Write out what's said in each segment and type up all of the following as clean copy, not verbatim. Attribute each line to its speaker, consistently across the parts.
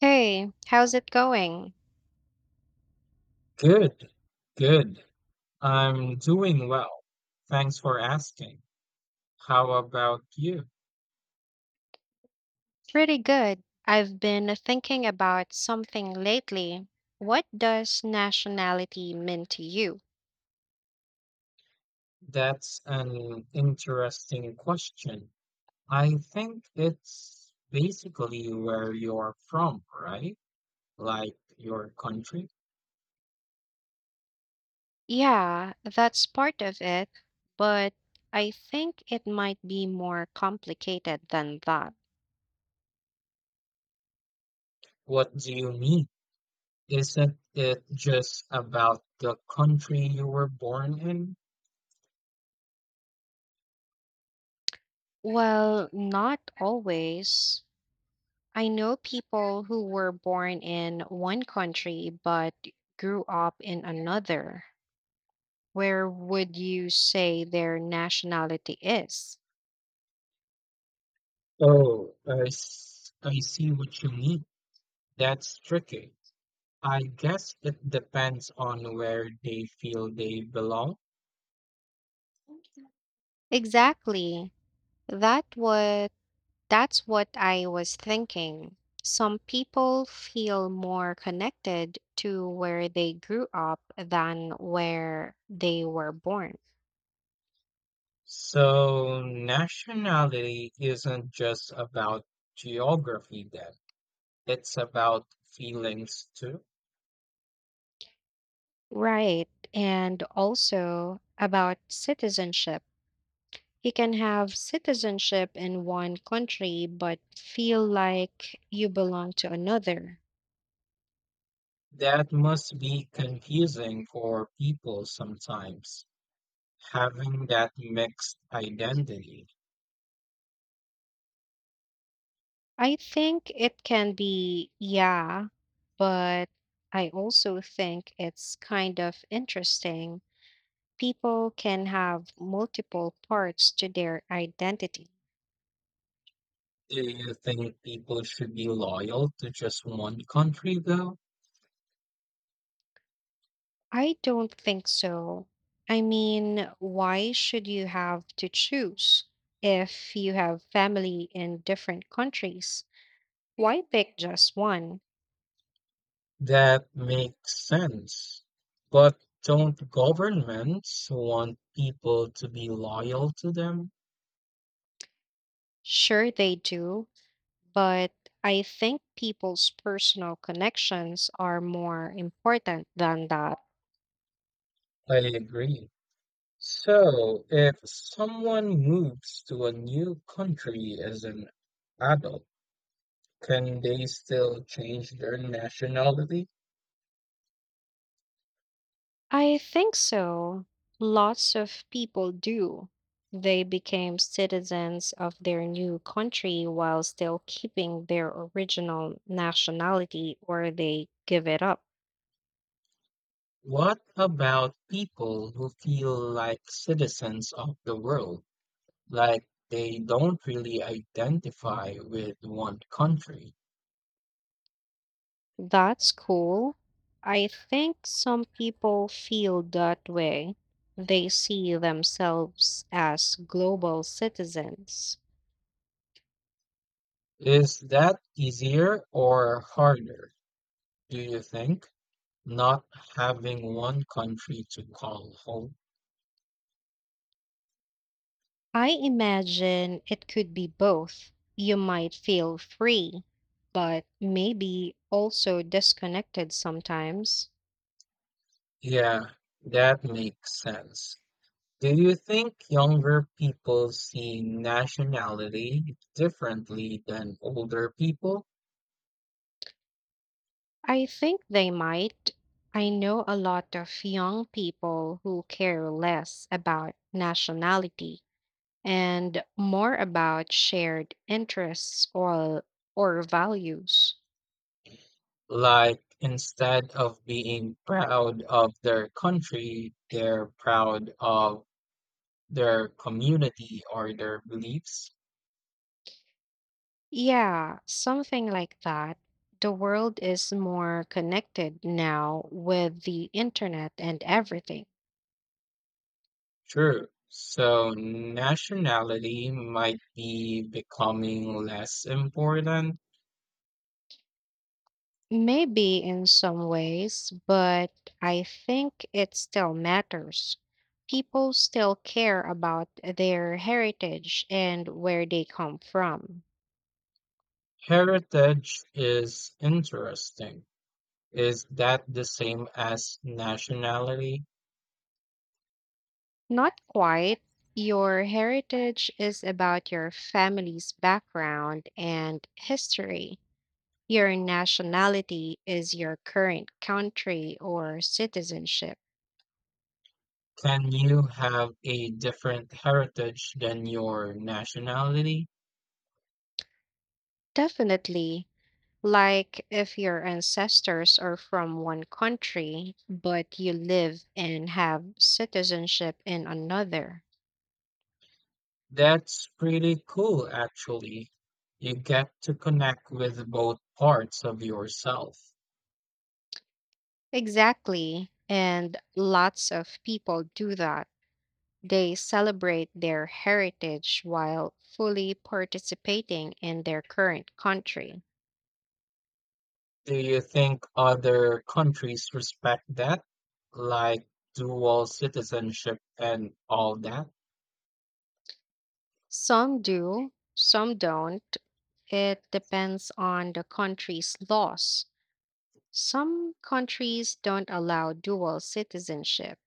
Speaker 1: Hey, how's it going?
Speaker 2: Good, good. I'm doing well. Thanks for asking. How about you?
Speaker 1: Pretty good. I've been thinking about something lately. What does nationality mean to you?
Speaker 2: That's an interesting question. I think it's basically where you're from, right? Like your country.
Speaker 1: Yeah, that's part of it, but I think it might be more complicated than that.
Speaker 2: What do you mean? Isn't it just about the country you were born in?
Speaker 1: Well, not always. I know people who were born in one country but grew up in another. Where would you say their nationality is?
Speaker 2: Oh, I see what you mean. That's tricky. I guess it depends on where they feel they belong.
Speaker 1: Exactly. That what that's what I was thinking. Some people feel more connected to where they grew up than where they were born.
Speaker 2: So, nationality isn't just about geography, then, it's about feelings too.
Speaker 1: Right. And also about citizenship. You can have citizenship in one country but feel like you belong to another.
Speaker 2: That must be confusing for people sometimes, having that mixed identity.
Speaker 1: I think it can be, yeah, but I also think it's kind of interesting. People can have multiple parts to their identity.
Speaker 2: Do you think people should be loyal to just one country, though?
Speaker 1: I don't think so. I mean, why should you have to choose if you have family in different countries? Why pick just one?
Speaker 2: That makes sense. But don't governments want people to be loyal to them?
Speaker 1: Sure, they do, but I think people's personal connections are more important than that.
Speaker 2: I agree. So, if someone moves to a new country as an adult, can they still change their nationality?
Speaker 1: I think so. Lots of people do. They became citizens of their new country while still keeping their original nationality, or they give it up.
Speaker 2: What about people who feel like citizens of the world, like they don't really identify with one country?
Speaker 1: That's cool. I think some people feel that way. They see themselves as global citizens.
Speaker 2: Is that easier or harder, do you think? Not having one country to call home.
Speaker 1: I imagine it could be both. You might feel free, but maybe also disconnected sometimes.
Speaker 2: Yeah, that makes sense. Do you think younger people see nationality differently than older people?
Speaker 1: I think they might. I know a lot of young people who care less about nationality and more about shared interests or values.
Speaker 2: Like, instead of being proud of their country, they're proud of their community or their beliefs?
Speaker 1: Yeah, something like that. The world is more connected now with the internet and everything.
Speaker 2: True. So nationality might be becoming less important.
Speaker 1: Maybe in some ways, but I think it still matters. People still care about their heritage and where they come from.
Speaker 2: Heritage is interesting. Is that the same as nationality?
Speaker 1: Not quite. Your heritage is about your family's background and history. Your nationality is your current country or citizenship.
Speaker 2: Can you have a different heritage than your nationality?
Speaker 1: Definitely. Like if your ancestors are from one country, but you live and have citizenship in another.
Speaker 2: That's pretty cool, actually. You get to connect with both parts of yourself.
Speaker 1: Exactly. And lots of people do that. They celebrate their heritage while fully participating in their current country.
Speaker 2: Do you think other countries respect that? Like dual citizenship and all that?
Speaker 1: Some do, some don't. It depends on the country's laws. Some countries don't allow dual citizenship.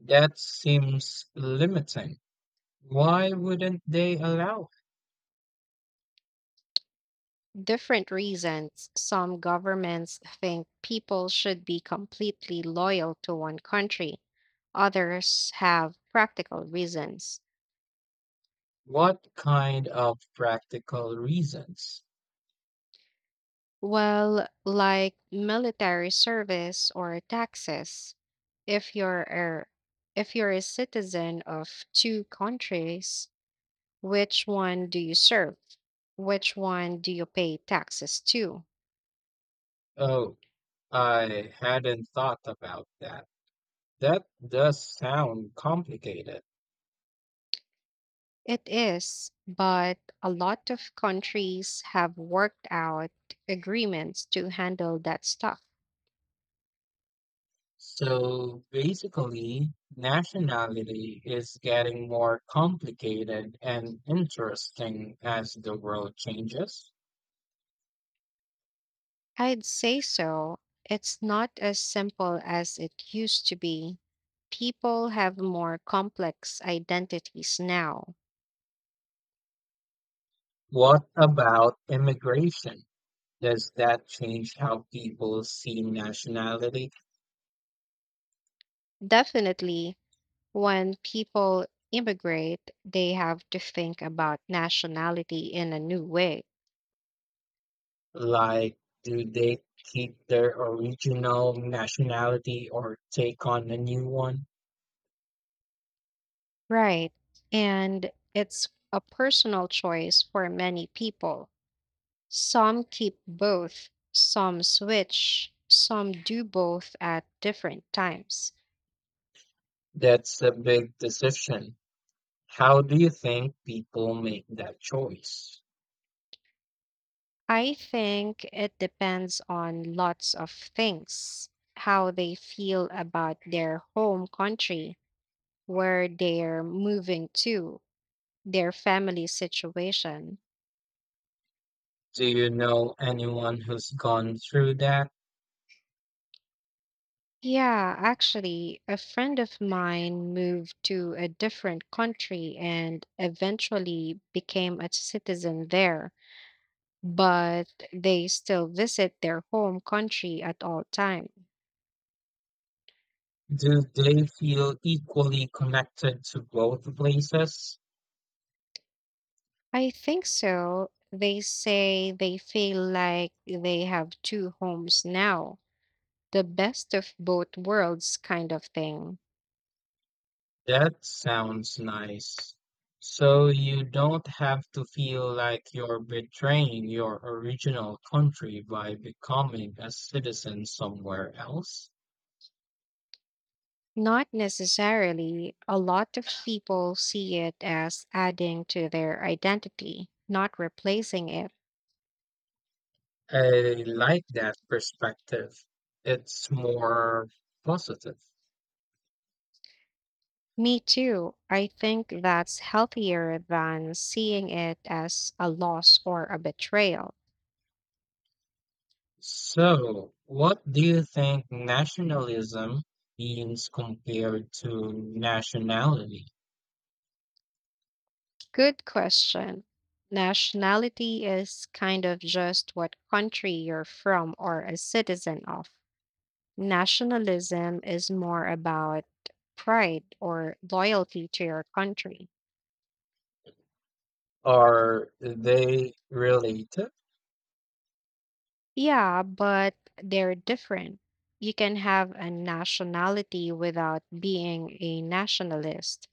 Speaker 2: That seems limiting. Why wouldn't they allow it?
Speaker 1: Different reasons. Some governments think people should be completely loyal to one country. Others have practical reasons.
Speaker 2: What kind of practical reasons?
Speaker 1: Well, like military service or taxes. If you're a if you're a citizen of two countries, which one do you serve? Which one do you pay taxes to?
Speaker 2: Oh, I hadn't thought about that. That does sound complicated.
Speaker 1: It is, but a lot of countries have worked out agreements to handle that stuff.
Speaker 2: So basically, nationality is getting more complicated and interesting as the world changes.
Speaker 1: I'd say so. It's not as simple as it used to be. People have more complex identities now.
Speaker 2: What about immigration? Does that change how people see nationality?
Speaker 1: Definitely, when people immigrate, they have to think about nationality in a new way.
Speaker 2: Like, do they keep their original nationality or take on a new one?
Speaker 1: Right. And it's a personal choice for many people. Some keep both, some switch, some do both at different times.
Speaker 2: That's a big decision. How do you think people make that choice?
Speaker 1: I think it depends on lots of things: how they feel about their home country, where they're moving to, their family situation.
Speaker 2: Do you know anyone who's gone through that?
Speaker 1: Yeah, actually, a friend of mine moved to a different country and eventually became a citizen there, but they still visit their home country at all time.
Speaker 2: Do they feel equally connected to both places?
Speaker 1: I think so. They say they feel like they have two homes now, the best of both worlds kind of thing.
Speaker 2: That sounds nice. So you don't have to feel like you're betraying your original country by becoming a citizen somewhere else.
Speaker 1: Not necessarily. A lot of people see it as adding to their identity, not replacing it.
Speaker 2: I like that perspective. It's more positive.
Speaker 1: Me too. I think that's healthier than seeing it as a loss or a betrayal.
Speaker 2: So, what do you think nationalism means compared to nationality?
Speaker 1: Good question. Nationality is kind of just what country you're from or a citizen of. Nationalism is more about pride or loyalty to your country.
Speaker 2: Are they related?
Speaker 1: Yeah, but they're different. You can have a nationality without being a nationalist.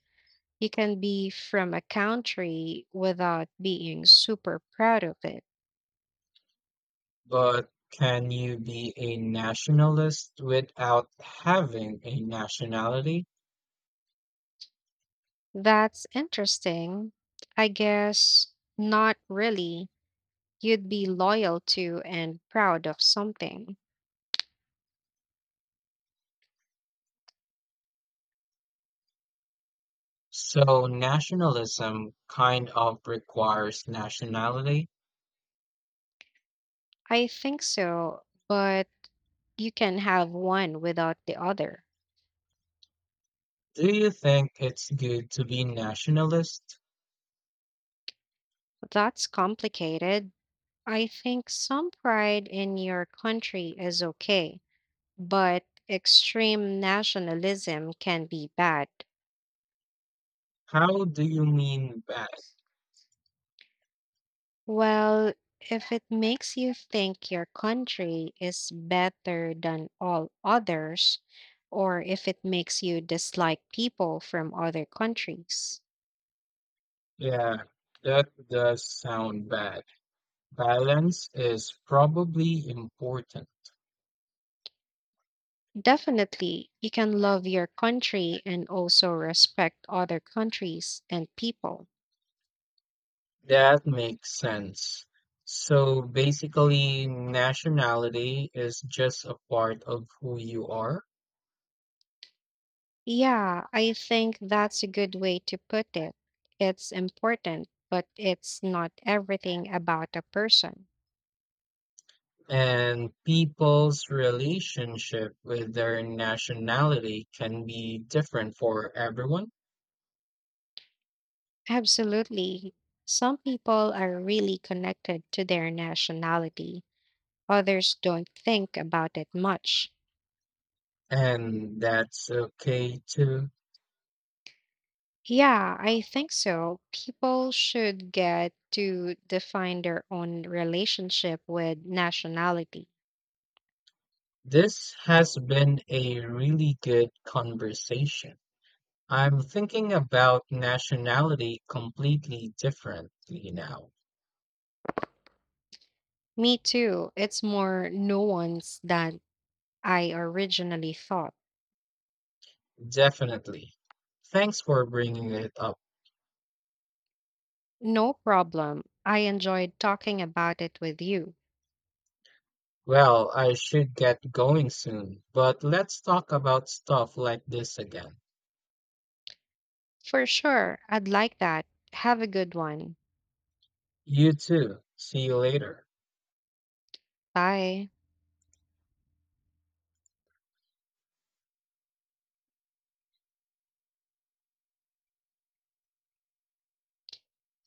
Speaker 1: You can be from a country without being super proud of it.
Speaker 2: But can you be a nationalist without having a nationality?
Speaker 1: That's interesting. I guess not really. You'd be loyal to and proud of something.
Speaker 2: So, nationalism kind of requires nationality.
Speaker 1: I think so, but you can have one without the other.
Speaker 2: Do you think it's good to be nationalist?
Speaker 1: That's complicated. I think some pride in your country is okay, but extreme nationalism can be bad.
Speaker 2: How do you mean bad?
Speaker 1: Well, if it makes you think your country is better than all others, or if it makes you dislike people from other countries.
Speaker 2: Yeah, that does sound bad. Balance is probably important.
Speaker 1: Definitely, you can love your country and also respect other countries and people.
Speaker 2: That makes sense. So basically, nationality is just a part of who you are,
Speaker 1: Yeah, I think that's a good way to put it. It's important, but it's not everything about a person.
Speaker 2: and people's relationship with their nationality can be different for everyone,
Speaker 1: Absolutely. Some people are really connected to their nationality, others don't think about it much.
Speaker 2: and that's okay too.
Speaker 1: Yeah, I think so. People should get to define their own relationship with nationality.
Speaker 2: This has been a really good conversation. I'm thinking about nationality completely differently now.
Speaker 1: Me too. It's more nuanced than I originally thought.
Speaker 2: Definitely. Thanks for bringing it up.
Speaker 1: No problem. I enjoyed talking about it with you.
Speaker 2: Well, I should get going soon, but let's talk about stuff like this again.
Speaker 1: For sure. I'd like that. Have a good one.
Speaker 2: You too. See you later.
Speaker 1: Bye.